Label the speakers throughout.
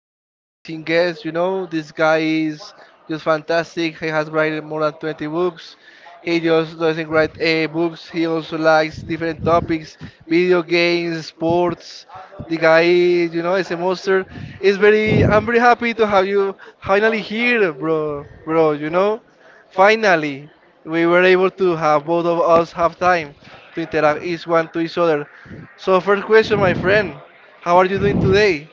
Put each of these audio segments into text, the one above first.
Speaker 1: and amazing guest. This guy is just fantastic. He has written more than 20 books. He just doesn't write books. He also likes different topics, video games, sports. The guy, is a monster. It's very. I'm very happy to have you finally here, bro. Bro, finally we were able to have both of us have time to interact each one to each other. So first question, my friend, how are you doing today?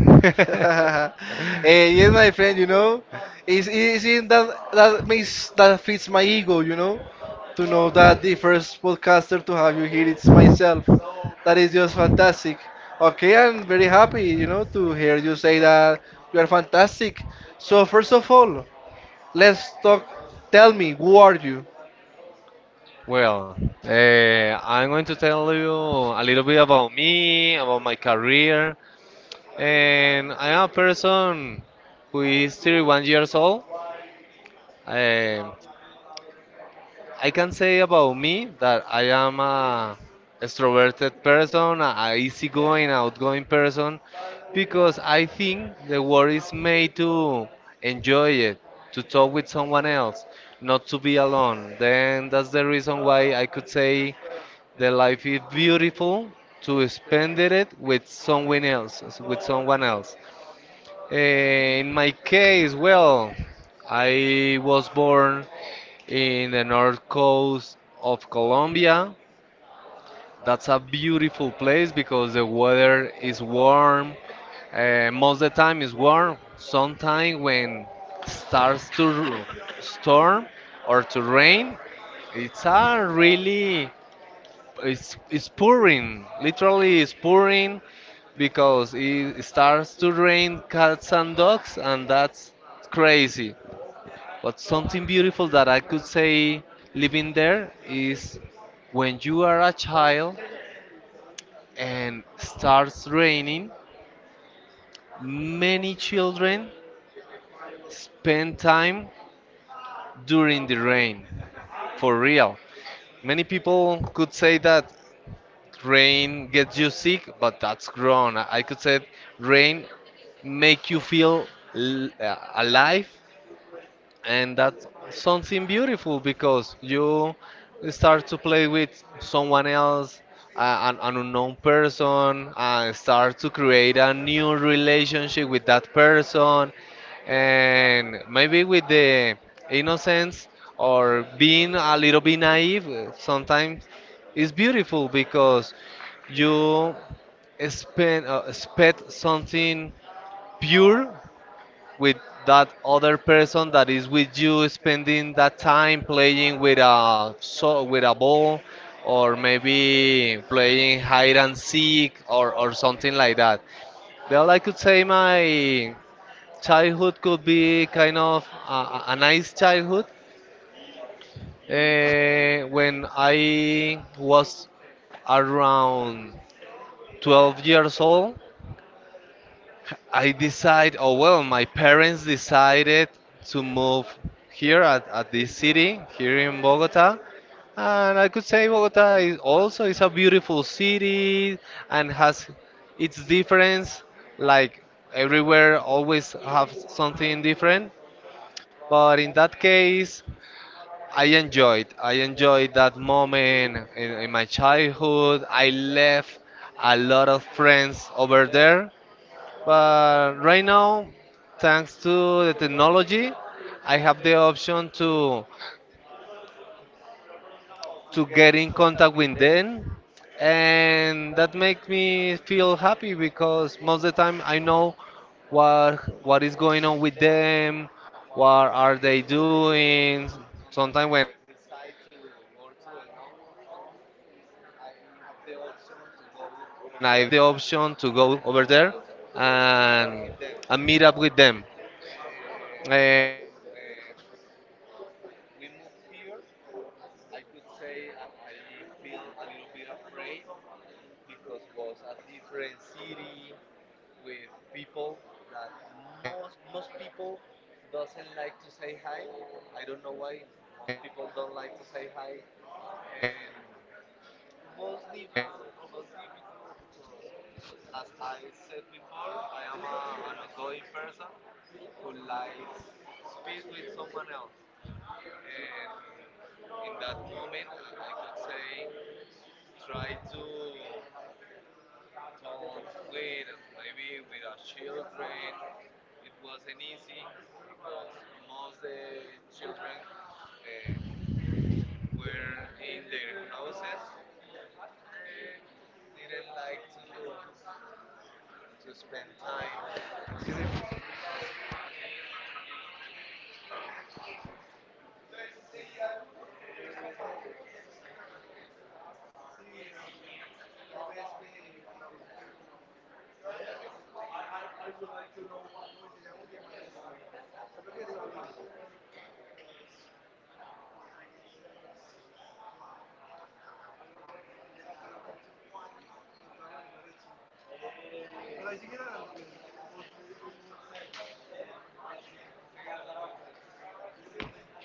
Speaker 1: uh, yes, my friend, it's in that that makes that fits my ego, to know that the first podcaster to have you here it's myself. That is just fantastic. Okay, I'm very happy, to hear you say that you are fantastic. So first of all, let's talk. Tell me, who are you?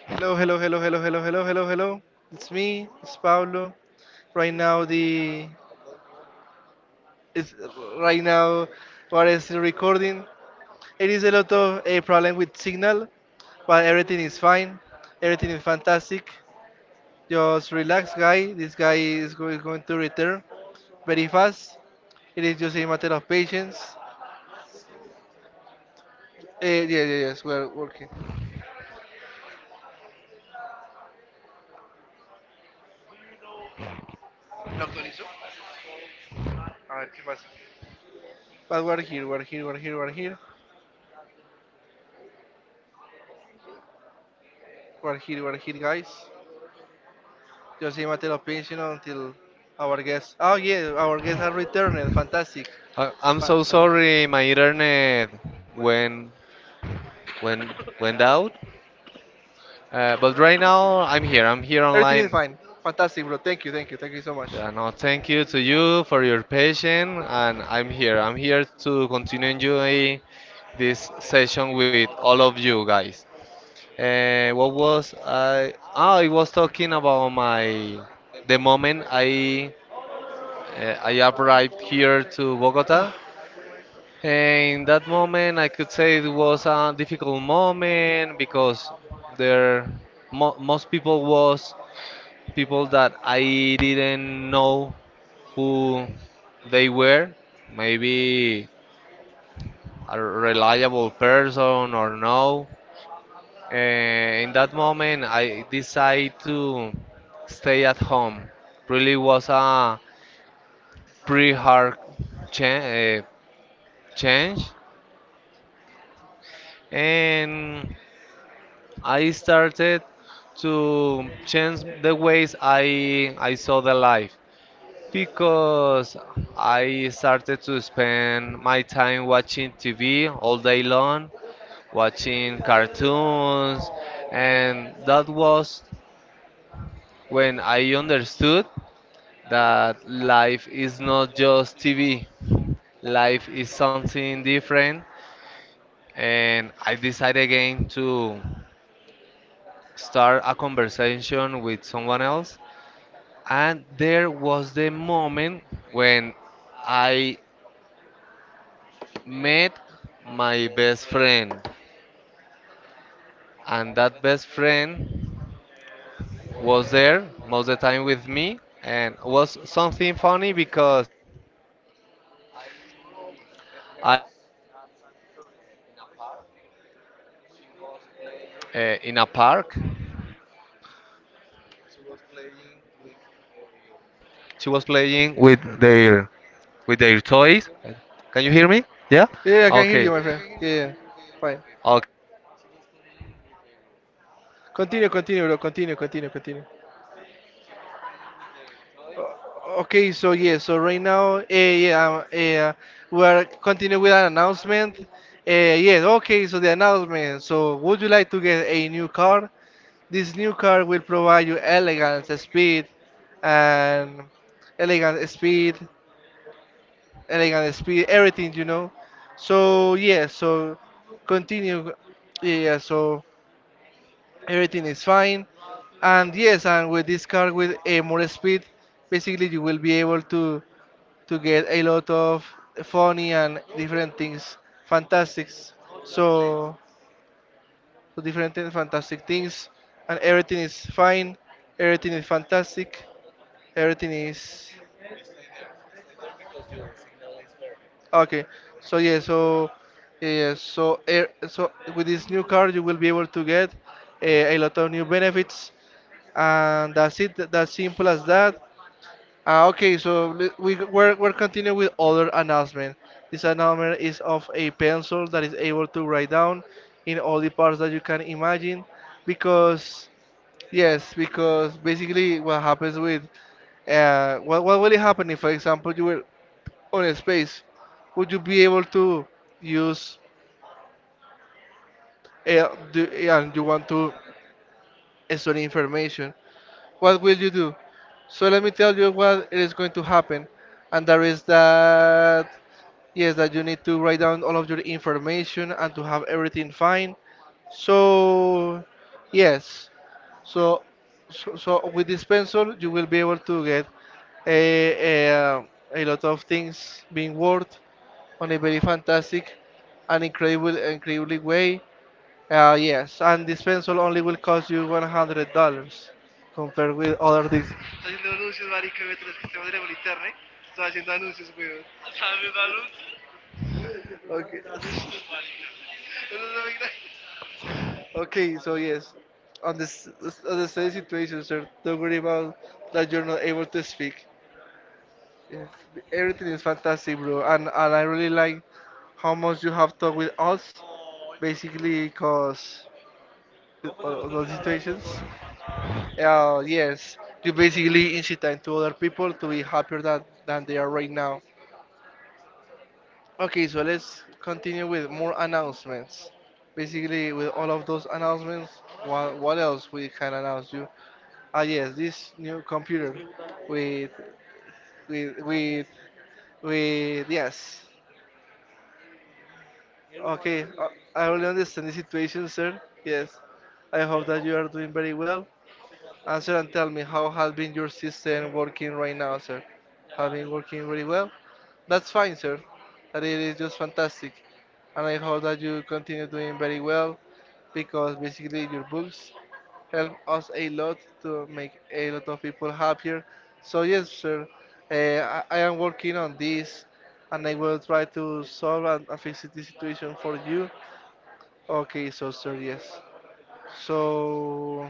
Speaker 1: Hello, hello, hello, hello, hello, hello, hello, hello. It's me, it's Pablo. Right now the it's Right now, what is still recording. It is a lot of a problem with signal, but everything is fine. Everything is fantastic. Just relax, guy. This guy is going to return very fast. It is just a matter of patience. Yeah, yeah, yes, we're working. A ver, ¿qué pasa? But we're here, we're here, we're here, we're here. We're here, we're here, guys. Just aim at the pins, until our guests. Oh yeah, our guests are returning. Fantastic. Fantastic. Everything is fine. Fantastic, bro. Thank you, thank you, thank you so much. Yeah, yeah, I can hear you, my friend. Yeah, yeah. Fine. Continue, continue, bro. Continue, continue, continue. Okay, so yeah, so right now, yeah, we're continuing with an announcement. Yes, okay, so the announcement. So, would you like to get a new car? This new car will provide you elegance, speed, and elegant speed, everything. So yeah, so continue. Yeah, yeah, so everything is fine. And yes, and with this car with a more speed, basically you will be able to get a lot of funny and different things, fantastics. So, so different and fantastic things, and everything is fine. Everything is fantastic. Everything is okay. So yeah, so yeah, yeah. So air, so with this new card you will be able to get a lot of new benefits, and that's it. That's simple as that. Ah, okay, so we're continuing with other announcement. This announcement is of a pencil that is able to write down in all the parts that you can imagine. Because, yes, because basically what happens with, what will it happen if, for example, you were on a space? Would you be able to use, do, and you want to store information? What will you do? So let me tell you what it is going to happen. And that is that, yes, that you need to write down all of your information and to have everything fine. So, yes. So, so with this pencil, you will be able to get a, a, uh, a lot of things being worked on a very fantastic and incredible, incredibly way. Yes, and this pencil only will cost you $100 compared with other things. Está haciendo anuncios, marica, ve, te los que estamos de la internet. Estaba haciendo anuncios, weón. Okay. Okay, so yes, on this on the same situation, sir. Don't worry about that you're not able to speak. Yes, everything is fantastic, bro, and I really like how much you have talked with us, basically, cause of those situations. Yes, you basically incite to other people to be happier than they are right now. Okay, so let's continue with more announcements. Basically, with all of those announcements, what else we can announce you? Ah, yes, this new computer with with with with yes. Okay, I really understand the situation, sir. Yes, I hope that you are doing very well. Answer and tell me how has been your system working right now, sir? Have been working really well. That's fine, sir. That it is just fantastic, and I hope that you continue doing very well because basically your books help us a lot to make a lot of people happier. So yes, sir, I am working on this, and I will try to solve and fix this situation for you. Okay, so sir, yes. So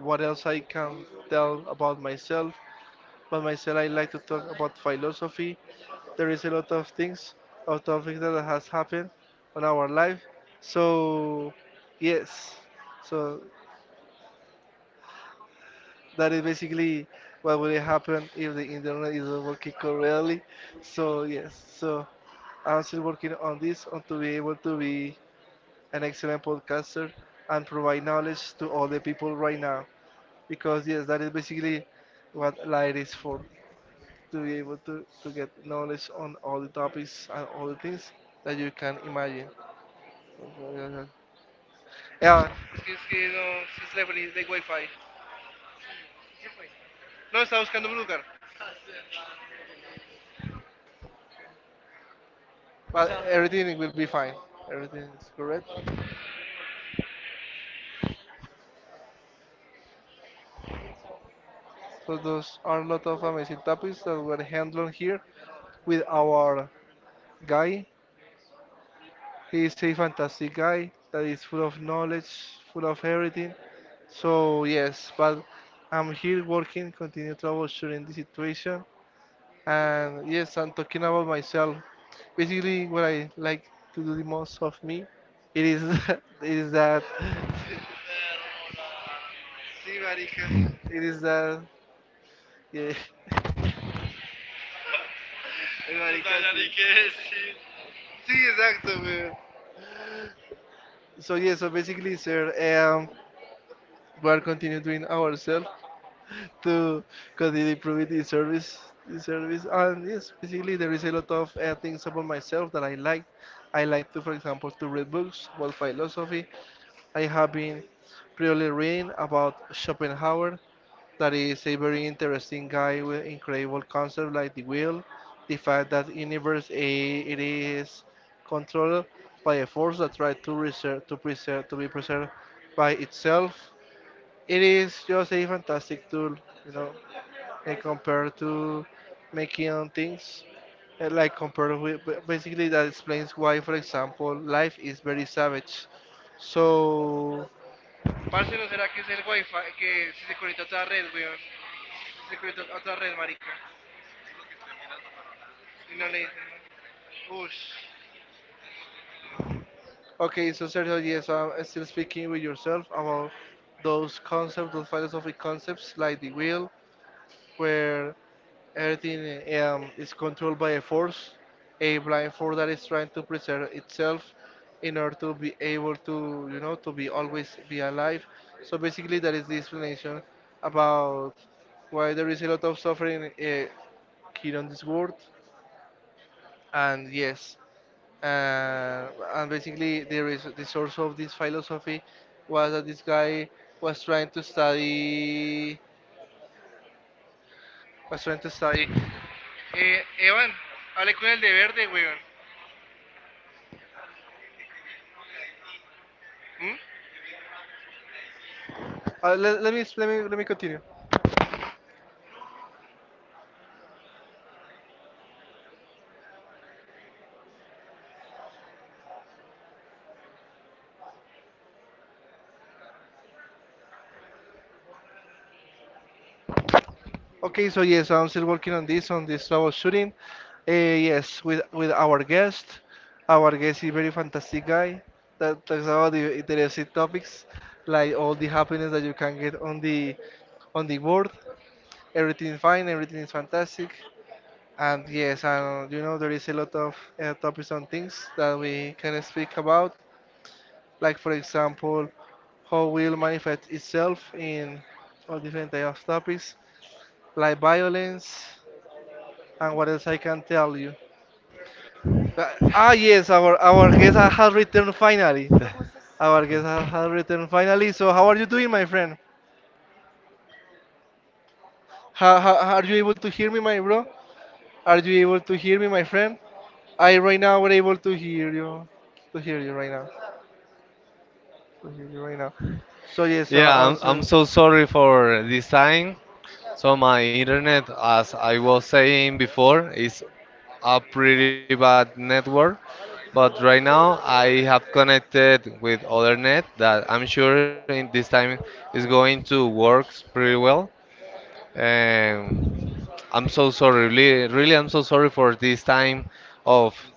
Speaker 1: what else I can tell about myself? About myself, I like to talk about philosophy. There is a lot of things, of topics that has happened on our life. So yes, so that is basically what will happen if the internet isn't working correctly. So yes, so I'm still working on this on to be able to be an excellent podcaster and provide knowledge to all the people right now. Because yes, that is basically what light is for, to be able to get knowledge on all the topics and all the things that you can imagine. Ajá, ajá. Ah, es que no, es la, la Wi-Fi. No, está buscando un lugar. But so, everything will be fine. Everything is correct. So those are a lot of amazing topics that were handled here with our guy. He is a fantastic guy that is full of knowledge, full of everything. So yes, but I'm here working, continue troubleshooting the situation. And yes, I'm talking about myself. Basically, what I like to do the most of me, it is, it is that, it is that, yeah. Everybody can. Sí, exacto, güey. So yeah, so basically, sir, we are continuing doing ourselves to continue improving the service, and yes, basically there is a lot of things about myself that I like. I like to, for example, to read books about philosophy. I have been really reading about Schopenhauer that is a very interesting guy with incredible concept like the will, the fact that universe A it is controlled by a force that tries to preserve to be preserved by itself. It is just a fantastic tool, you know, and compared to making own things. Like compared with basically that explains why, for example, life is very savage. So Parce, ¿no será que es el wifi que si se conecta a la red, weón? Otra red, marica. Y no le Ush. Okay, so Sergio, yes, I'm still speaking with yourself about those concepts, those philosophic concepts like the will, where everything is controlled by a force, a blind force that is trying to preserve itself in order to be able to, to be always be alive. So basically, that is the explanation about why there is a lot of suffering here on this world. And yes, and, and basically the, source of this philosophy was that this guy was trying to study was trying to study. Evan, hable con el de verde, weón. ¿Mm? Let me continue. Okay, so yes, I'm still working on this troubleshooting. Yes, with our guest is very fantastic guy that talks about the interesting topics like all the happiness that you can get on the world. Everything is fine, everything is fantastic. And yes, and there is a lot of topics on things that we can speak about, like for example, how will manifest itself in all different types of topics, like violence, and what else I can tell you. Yes, our guest has returned finally. Our guest has returned finally. So how are you doing, my friend? How, are you able to hear me, my bro? Are you able to hear me, my friend? I right now were able to hear you right now, to hear you right now. So yes, so
Speaker 2: Yeah, I'm
Speaker 1: answer.
Speaker 2: so sorry for this time. So my internet, as I was saying before, is a pretty bad network. But right now I have connected with other net that I'm sure in this time is going to work pretty well. And I'm so sorry, really, really I'm so sorry for this time of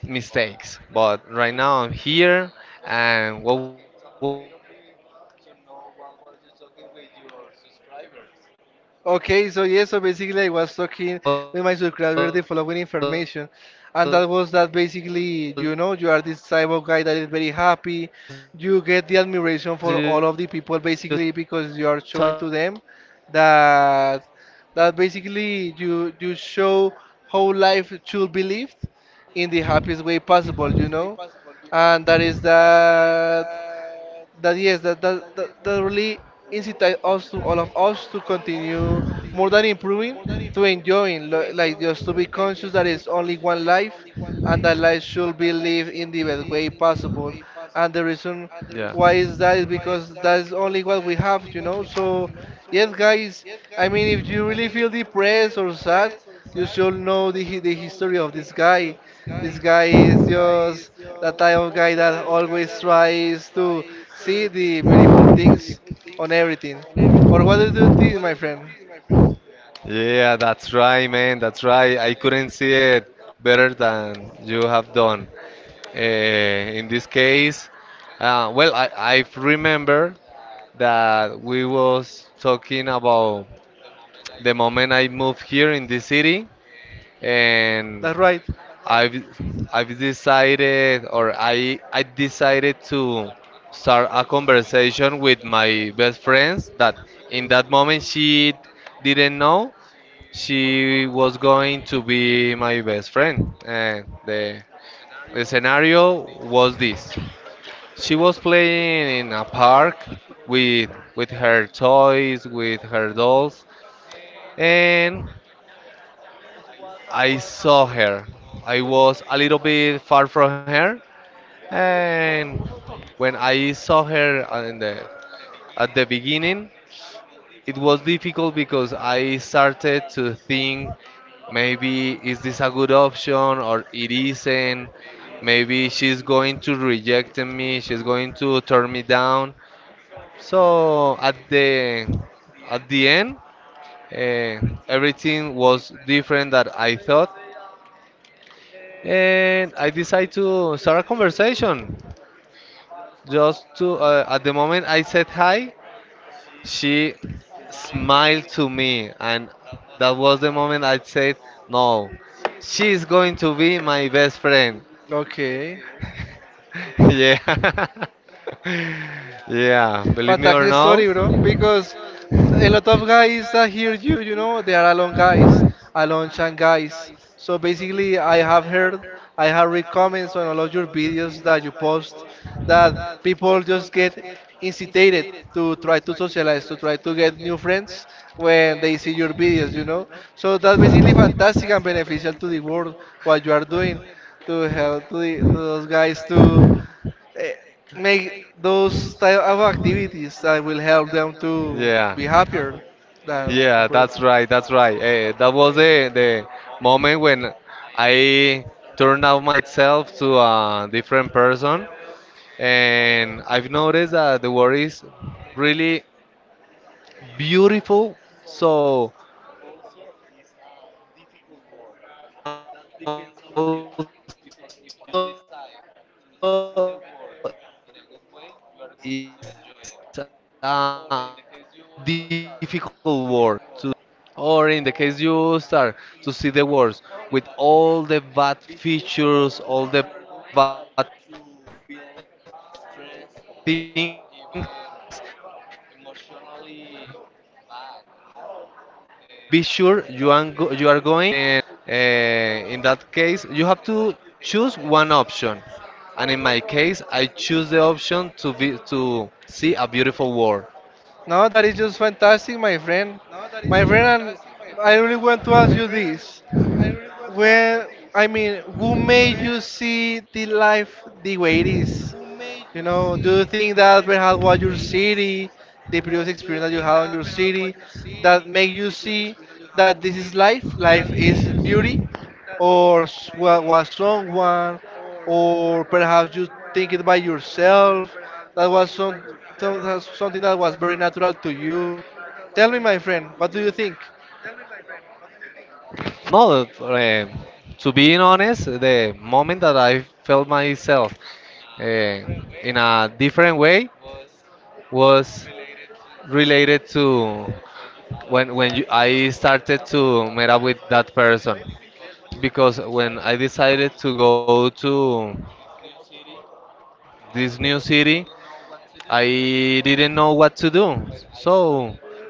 Speaker 2: mistakes. But right now I'm here. And what was you talking? Tell me a little bit to know what was you talking with your subscribers.
Speaker 1: Okay, so yeah, so basically I was talking with my subscriber the following information, and that was that basically, you are this type of guy that is very happy. You get the admiration for all of the people basically because you are showing to them that that basically you show how life should be lived in the happiest way possible, and that is that that yes that that, that, that really incited us to all of us to continue more than improving to enjoying like just to be conscious that it's only one life and that life should be lived in the best way possible, and the reason why is that is because that's only what we have so. Yes, guys, I mean, if you really feel depressed or sad you should know the history of this guy. This guy is just the type of guy that always tries to see the beautiful things on everything. Or what do you think, my friend?
Speaker 2: Yeah, that's right, man. That's right. I couldn't see it better than you have done. Uh, in this case, well, I remember that we was talking about the moment I moved here in this city, and
Speaker 1: That's right.
Speaker 2: I've I've decided or I decided to start a conversation with my best friends that in that moment she didn't know she was going to be my best friend, and the scenario was this. She was playing in a park with with her toys, with her dolls, and I saw her. I was a little bit far from her. And when I saw her in at the beginning, it was difficult because I started to think, maybe is this a good option or it isn't. Maybe she's going to reject me, she's going to turn me down. So at the end, uh, everything was different that I thought, and I decided to start a conversation. Just to at the moment I said hi, she smiled to me, and that was the moment I said, "No, she is going to be my best friend."
Speaker 1: Okay.
Speaker 2: Yeah. Yeah, believe me or
Speaker 1: Fantastic story,
Speaker 2: no.
Speaker 1: bro. Because a lot of guys that hear you, they are alone guys, alone Chan guys. So basically, I have heard, I have read comments on all of your videos that you post that people just get incitated to try to socialize, to try to get new friends when they see your videos. So that's basically fantastic and beneficial to the world what you are doing to help to those guys to eh, make those type of activities that will help them to
Speaker 2: Yeah,
Speaker 1: be happier than
Speaker 2: yeah,
Speaker 1: compared
Speaker 2: that's
Speaker 1: to.
Speaker 2: right, that's right. Eh, that was the moment when I turned out myself to a different person, and I've noticed that the word is really beautiful. So also is a difficult word. That depends on you, because if you decide to see the world in a good way, you are going to enjoy it. Or in the case you start to see the words with all the bad features, all the bad things, be sure you are, you are going to feel stressed, even emotionally bad, you know. Uh, in that case, you have to choose one option. And in my case, I choose the option to be to see a beautiful world.
Speaker 1: No, that is just fantastic, my friend. My friend, and I really want to ask you this. When, I mean, who made you see the life the way it is? You know, do you think that perhaps what your city, the previous experience that you had on your city, that make you see that this is life, life is beauty, or what was someone, or perhaps you think it by yourself, that was something that was very natural to you. Tell me, my friend, what do you think?
Speaker 2: No, to be honest, the moment that I felt myself uh, in a different way was related to I started to meet up with that person. Because when I decided to go to this new city, I didn't know what to do. So when I started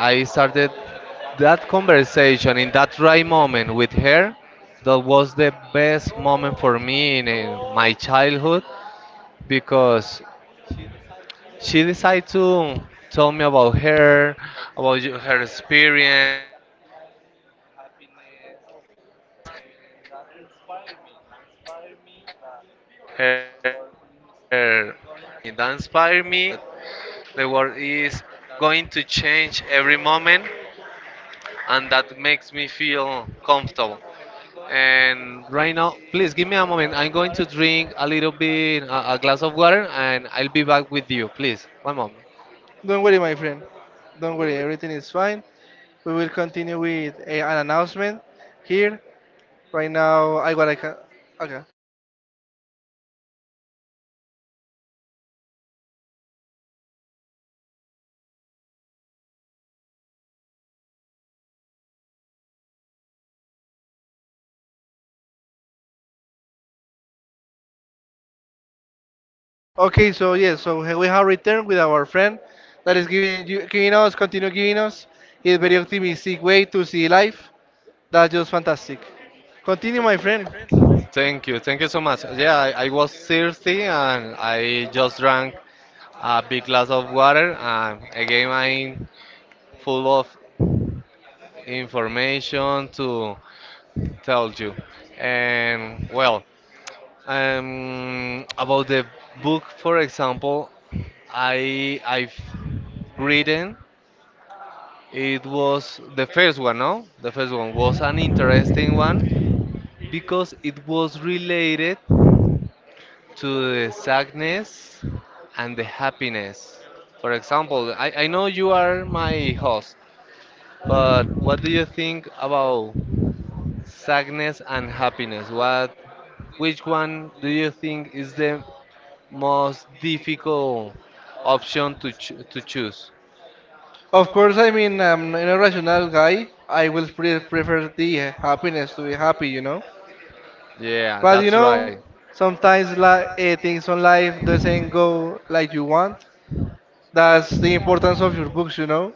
Speaker 2: that conversation in that right moment with her, that was the best moment for me in my childhood, because she decided to tell me about her, about her experience, her happiness, and that inspired me. That inspired me that the world is going to change every moment, and that makes me feel comfortable. And right now, please give me a moment. I'm going to drink a little bit, a glass of water, and I'll be back with you. Please, one moment.
Speaker 1: Don't worry, my friend. Don't worry, everything is fine. We will continue with an announcement here. Right now, I what I can. Okay. Okay. So yes. So we have returned with our friend that is giving you giving us continue giving us his very optimistic way to see life. That's just fantastic. Continue, my friend.
Speaker 2: Thank you. Thank you so much. Yeah, I was thirsty and I just drank a big glass of water. And again, I'm full of information to tell you. And well, about the book, for example, I've written. It was the first one, no? The first one was an interesting one because it was related to the sadness and the happiness. For example, I know you are my host, but what do you think about sadness and happiness? What, which one do you think is the most difficult option to ch to choose?
Speaker 1: Of course, I mean, I'm an irrational guy. I will prefer the happiness to be happy.
Speaker 2: Yeah,
Speaker 1: But
Speaker 2: that's right.
Speaker 1: sometimes things on life doesn't go like you want. That's the importance of your books,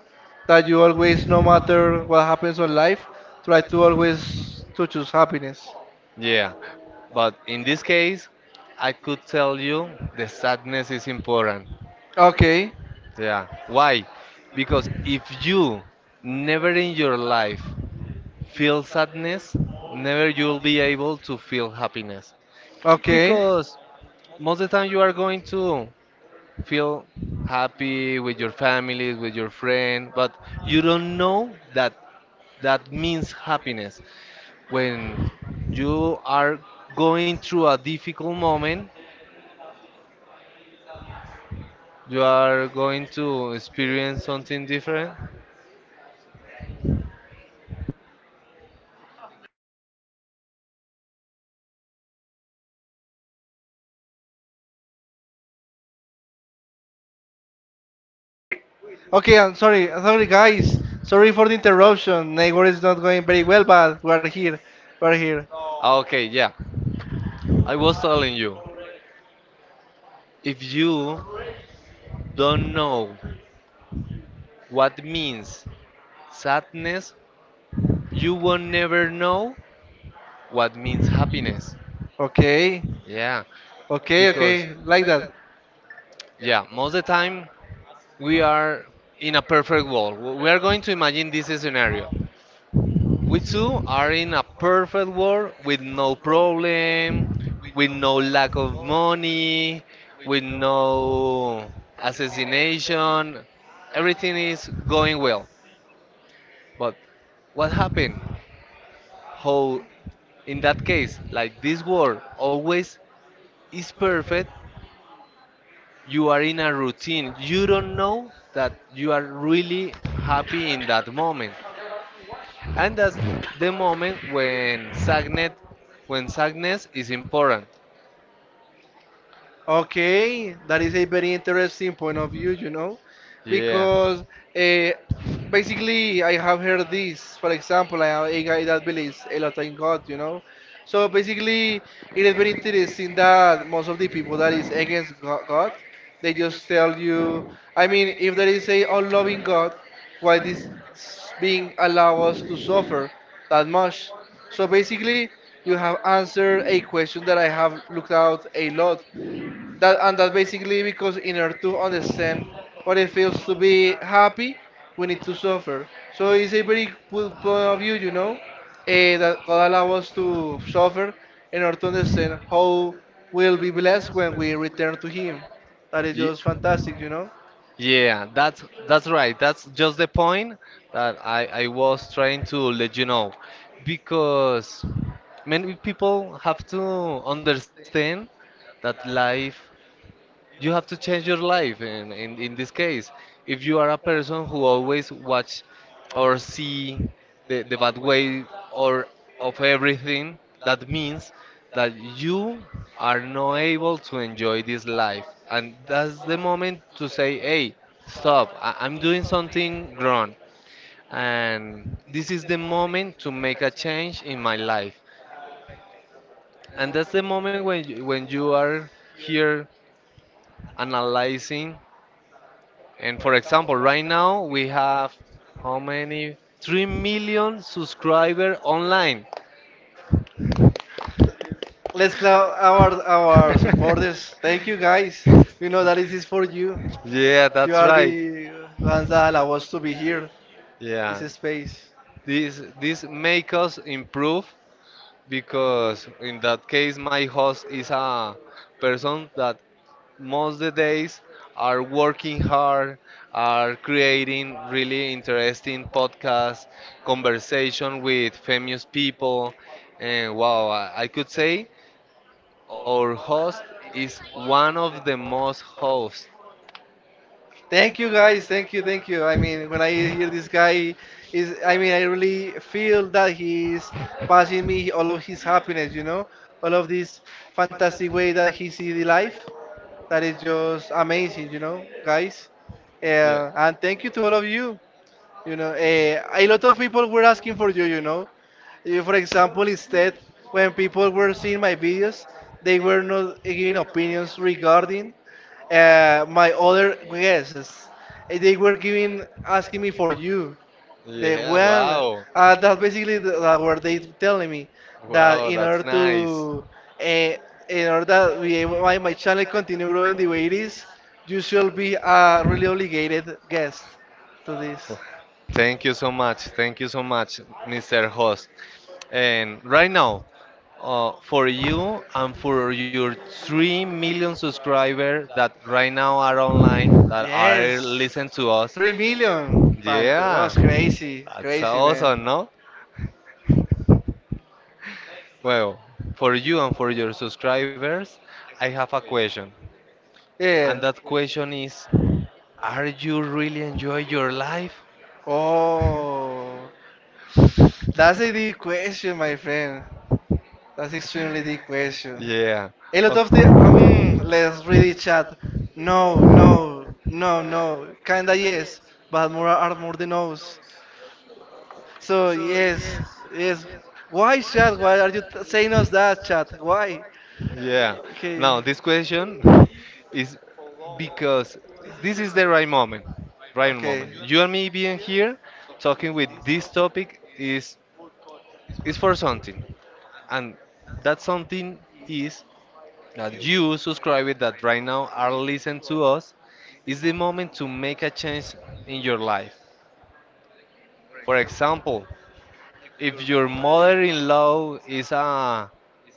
Speaker 1: that you always, no matter what happens on life, try to always to choose happiness.
Speaker 2: Yeah, but in this case, I could tell you the sadness is important.
Speaker 1: Okay,
Speaker 2: Yeah, why? Because if you never in your life feel sadness, never you'll be able to feel happiness. Okay.
Speaker 1: okay.
Speaker 2: Because most of the time you are going to feel happy with your family, with your friend, but you don't know that that means happiness. When you are going through a difficult moment, you are going to experience something different?
Speaker 1: Okay, I'm sorry. I'm sorry, guys. Sorry for the interruption. Neighbor is not going very well, but we are here. We are here.
Speaker 2: Okay, yeah. I was telling you, if you don't know what means sadness, you will never know what means happiness.
Speaker 1: Okay.
Speaker 2: Yeah,
Speaker 1: Okay,
Speaker 2: because
Speaker 1: okay. Like that.
Speaker 2: yeah, most of the time we are in a perfect world. We are going to imagine this scenario. We two are in a perfect world with no problem, with no lack of money, with no assassination. Everything is going well. But what happened? How, in that case, like this world always is perfect, you are in a routine. You don't know that you are really happy in that moment. And that's the moment when Sagnet, when Sagnes is important.
Speaker 1: Okay, that is a very interesting point of view, because uh, basically I have heard this. For example, I have a guy that believes a lot in God. So basically, it is very interesting that most of the people that is against God, they just tell you. I mean, if there is a all-loving God, why this being allow us to suffer that much? So basically, you have answered a question that I have looked out a lot that and that basically because in order to understand what it feels to be happy, we need to suffer. So it's a very good point of view, that God allow us to suffer in order to understand how we'll be blessed when we return to Him. That is just fantastic.
Speaker 2: Yeah, that's right. That's just the point that I was trying to let you know, because many people have to understand that life you have to change your life in this case, if you are a person who always watch or see the bad way or of everything, that means that you are not able to enjoy this life, and that's the moment to say, hey, stop. I'm doing something wrong, and this is the moment to make a change in my life. And that's the moment when you are here analyzing. And for example, right now we have how many? 3 million subscribers online.
Speaker 1: Let's clap our our supporters. Thank you, guys. You know that this is for you.
Speaker 2: Yeah,
Speaker 1: You
Speaker 2: that's
Speaker 1: are
Speaker 2: right.
Speaker 1: the ones that allow us to be here, this
Speaker 2: Yeah.
Speaker 1: space.
Speaker 2: This make us improve, because in that case my host is a person that most the days are working hard, are creating really interesting podcasts, conversation with famous people, and wow, I could say our host is one of the most hosts.
Speaker 1: Thank you, guys, thank you, thank you. I mean, when I hear this guy is, I mean, I really feel that he's passing me all of his happiness, all of this fantastic way that he see the life. That is just amazing, guys.
Speaker 2: Yeah.
Speaker 1: And thank you to all of you. A lot of people were asking for you, you know. You, for example, instead, when people were seeing my videos, they were not giving opinions regarding my other guests. They were giving, asking me for you. The
Speaker 2: Yeah,
Speaker 1: one,
Speaker 2: wow.
Speaker 1: uh, that's basically the, that were they telling me that
Speaker 2: Wow,
Speaker 1: in
Speaker 2: that's
Speaker 1: order
Speaker 2: nice.
Speaker 1: to, uh, in order that we, my channel continue growing the way it is, you should be a really obligated guest to this.
Speaker 2: Thank you so much. Thank you so much, Mr. Host. And right now, for you and for your 3 million subscribers that right now are online, that are
Speaker 1: Yes.
Speaker 2: listening to us,
Speaker 1: 3 million. That
Speaker 2: yeah,
Speaker 1: was crazy.
Speaker 2: that's
Speaker 1: Crazy, man.
Speaker 2: awesome, no? Well, for you and for your subscribers, I have a question. And
Speaker 1: Yeah.
Speaker 2: that question is, are you really enjoy your life?
Speaker 1: Oh, that's a deep question, my friend. That's extremely deep question.
Speaker 2: Yeah.
Speaker 1: Yeah. A lot
Speaker 2: Okay.
Speaker 1: of the let's really chat. No, no, no, no. Kinda yes, but more are more the no's. So yes, yes. Why, Chad? Why are you saying us that, Chad? Why?
Speaker 2: Yeah.
Speaker 1: Okay.
Speaker 2: Now this question is because this is the right moment. Right
Speaker 1: Okay.
Speaker 2: moment. Okay. You and me being here talking with this topic is for something. And that something is that you subscribers that right now are listening to us is the moment to make a change in your life. For example, if your mother-in-law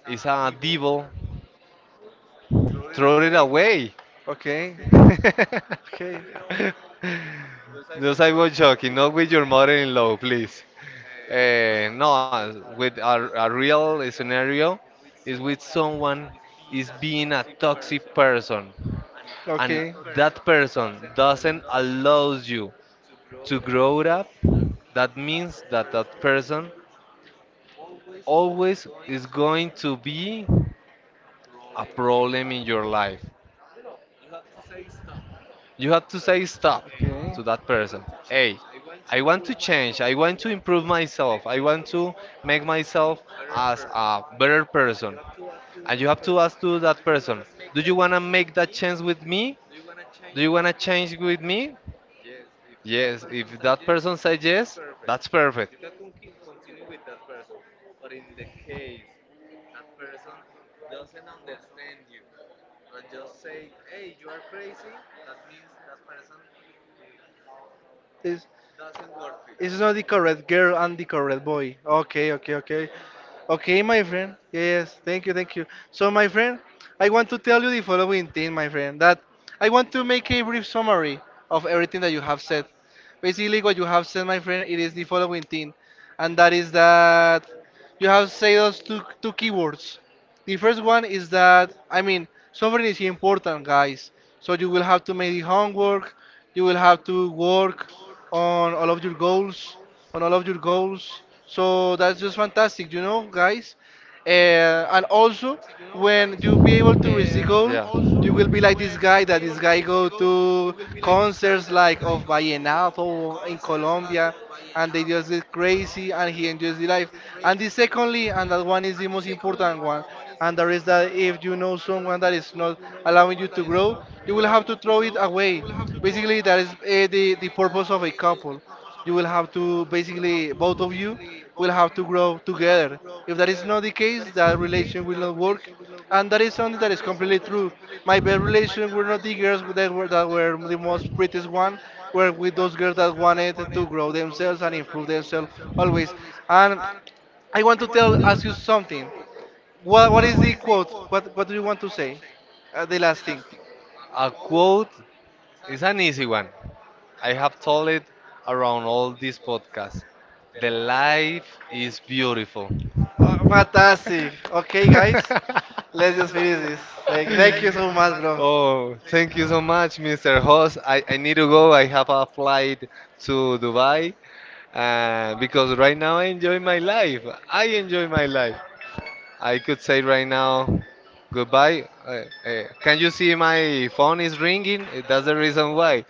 Speaker 2: is a devil, throw it away.
Speaker 1: Okay. Okay.
Speaker 2: Just I was joking, not with your mother-in-law, please. Eh, no, with a real scenario is with someone is being a toxic person, and
Speaker 1: Okay.
Speaker 2: that person doesn't allows you to grow up. That means that that person always is going to be a problem in your life, you have to say stop to that person.
Speaker 1: Okay.
Speaker 2: Hey, I want to change. I want to improve myself. I want to make myself as a better person. And you have to ask to that person, do you want to make that change with me? Do you want to change with me? Yes, if that person says yes, that's perfect. You can continue with that person. But in the case that person doesn't understand you and just say, hey, you are crazy, that means that person eh,
Speaker 1: It's,
Speaker 2: doesn't worth it.
Speaker 1: it's not the correct girl and the correct boy. Okay, okay, okay.
Speaker 2: Yeah,
Speaker 1: Okay,
Speaker 2: that
Speaker 1: my friend.
Speaker 2: person.
Speaker 1: Yes, thank you, thank you. So, my friend, I want to tell you the following thing, my friend, that I want to make a brief summary of everything that you have said. Basically, what you have said, my friend, it is the following thing, and that is that you have said us two keywords. The first one is that, I mean, sovereignty is important, guys. So you will have to make the homework. You will have to work on all of your goals, on all of your goals. So that's just fantastic, guys. And also, when you be able to reach the goal, you will be like this guy go to concerts like of Vallenato in Colombia, and they just get crazy and he enjoys the life. And the secondly, and that one is the most important one, and that is that if you know someone that is not allowing you to grow, you will have to throw it away. Basically, that is the purpose of a couple. You will have to basically, both of you will have to grow together. If that is not the case, that relation will not work, and that is something that is completely true. My best relations were not the girls that were the most prettiest one, were with those girls that wanted to grow themselves and improve themselves always. And I want to tell, ask you something. What is the quote? What do you want to say? The last thing.
Speaker 2: A quote is an easy one. I have told it around all this podcast. The life is beautiful.
Speaker 1: Oh, fantastic. Okay, guys, let's just finish this. Thank you so much, bro.
Speaker 2: Oh, thank you so much, Mr. Host. I need to go. I have a flight to Dubai because right now I enjoy my life. I enjoy my life. I could say right now goodbye. Can you see my phone is ringing? That's the reason why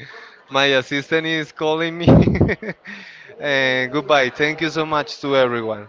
Speaker 2: my assistant is calling me. And goodbye. Thank you so much to everyone.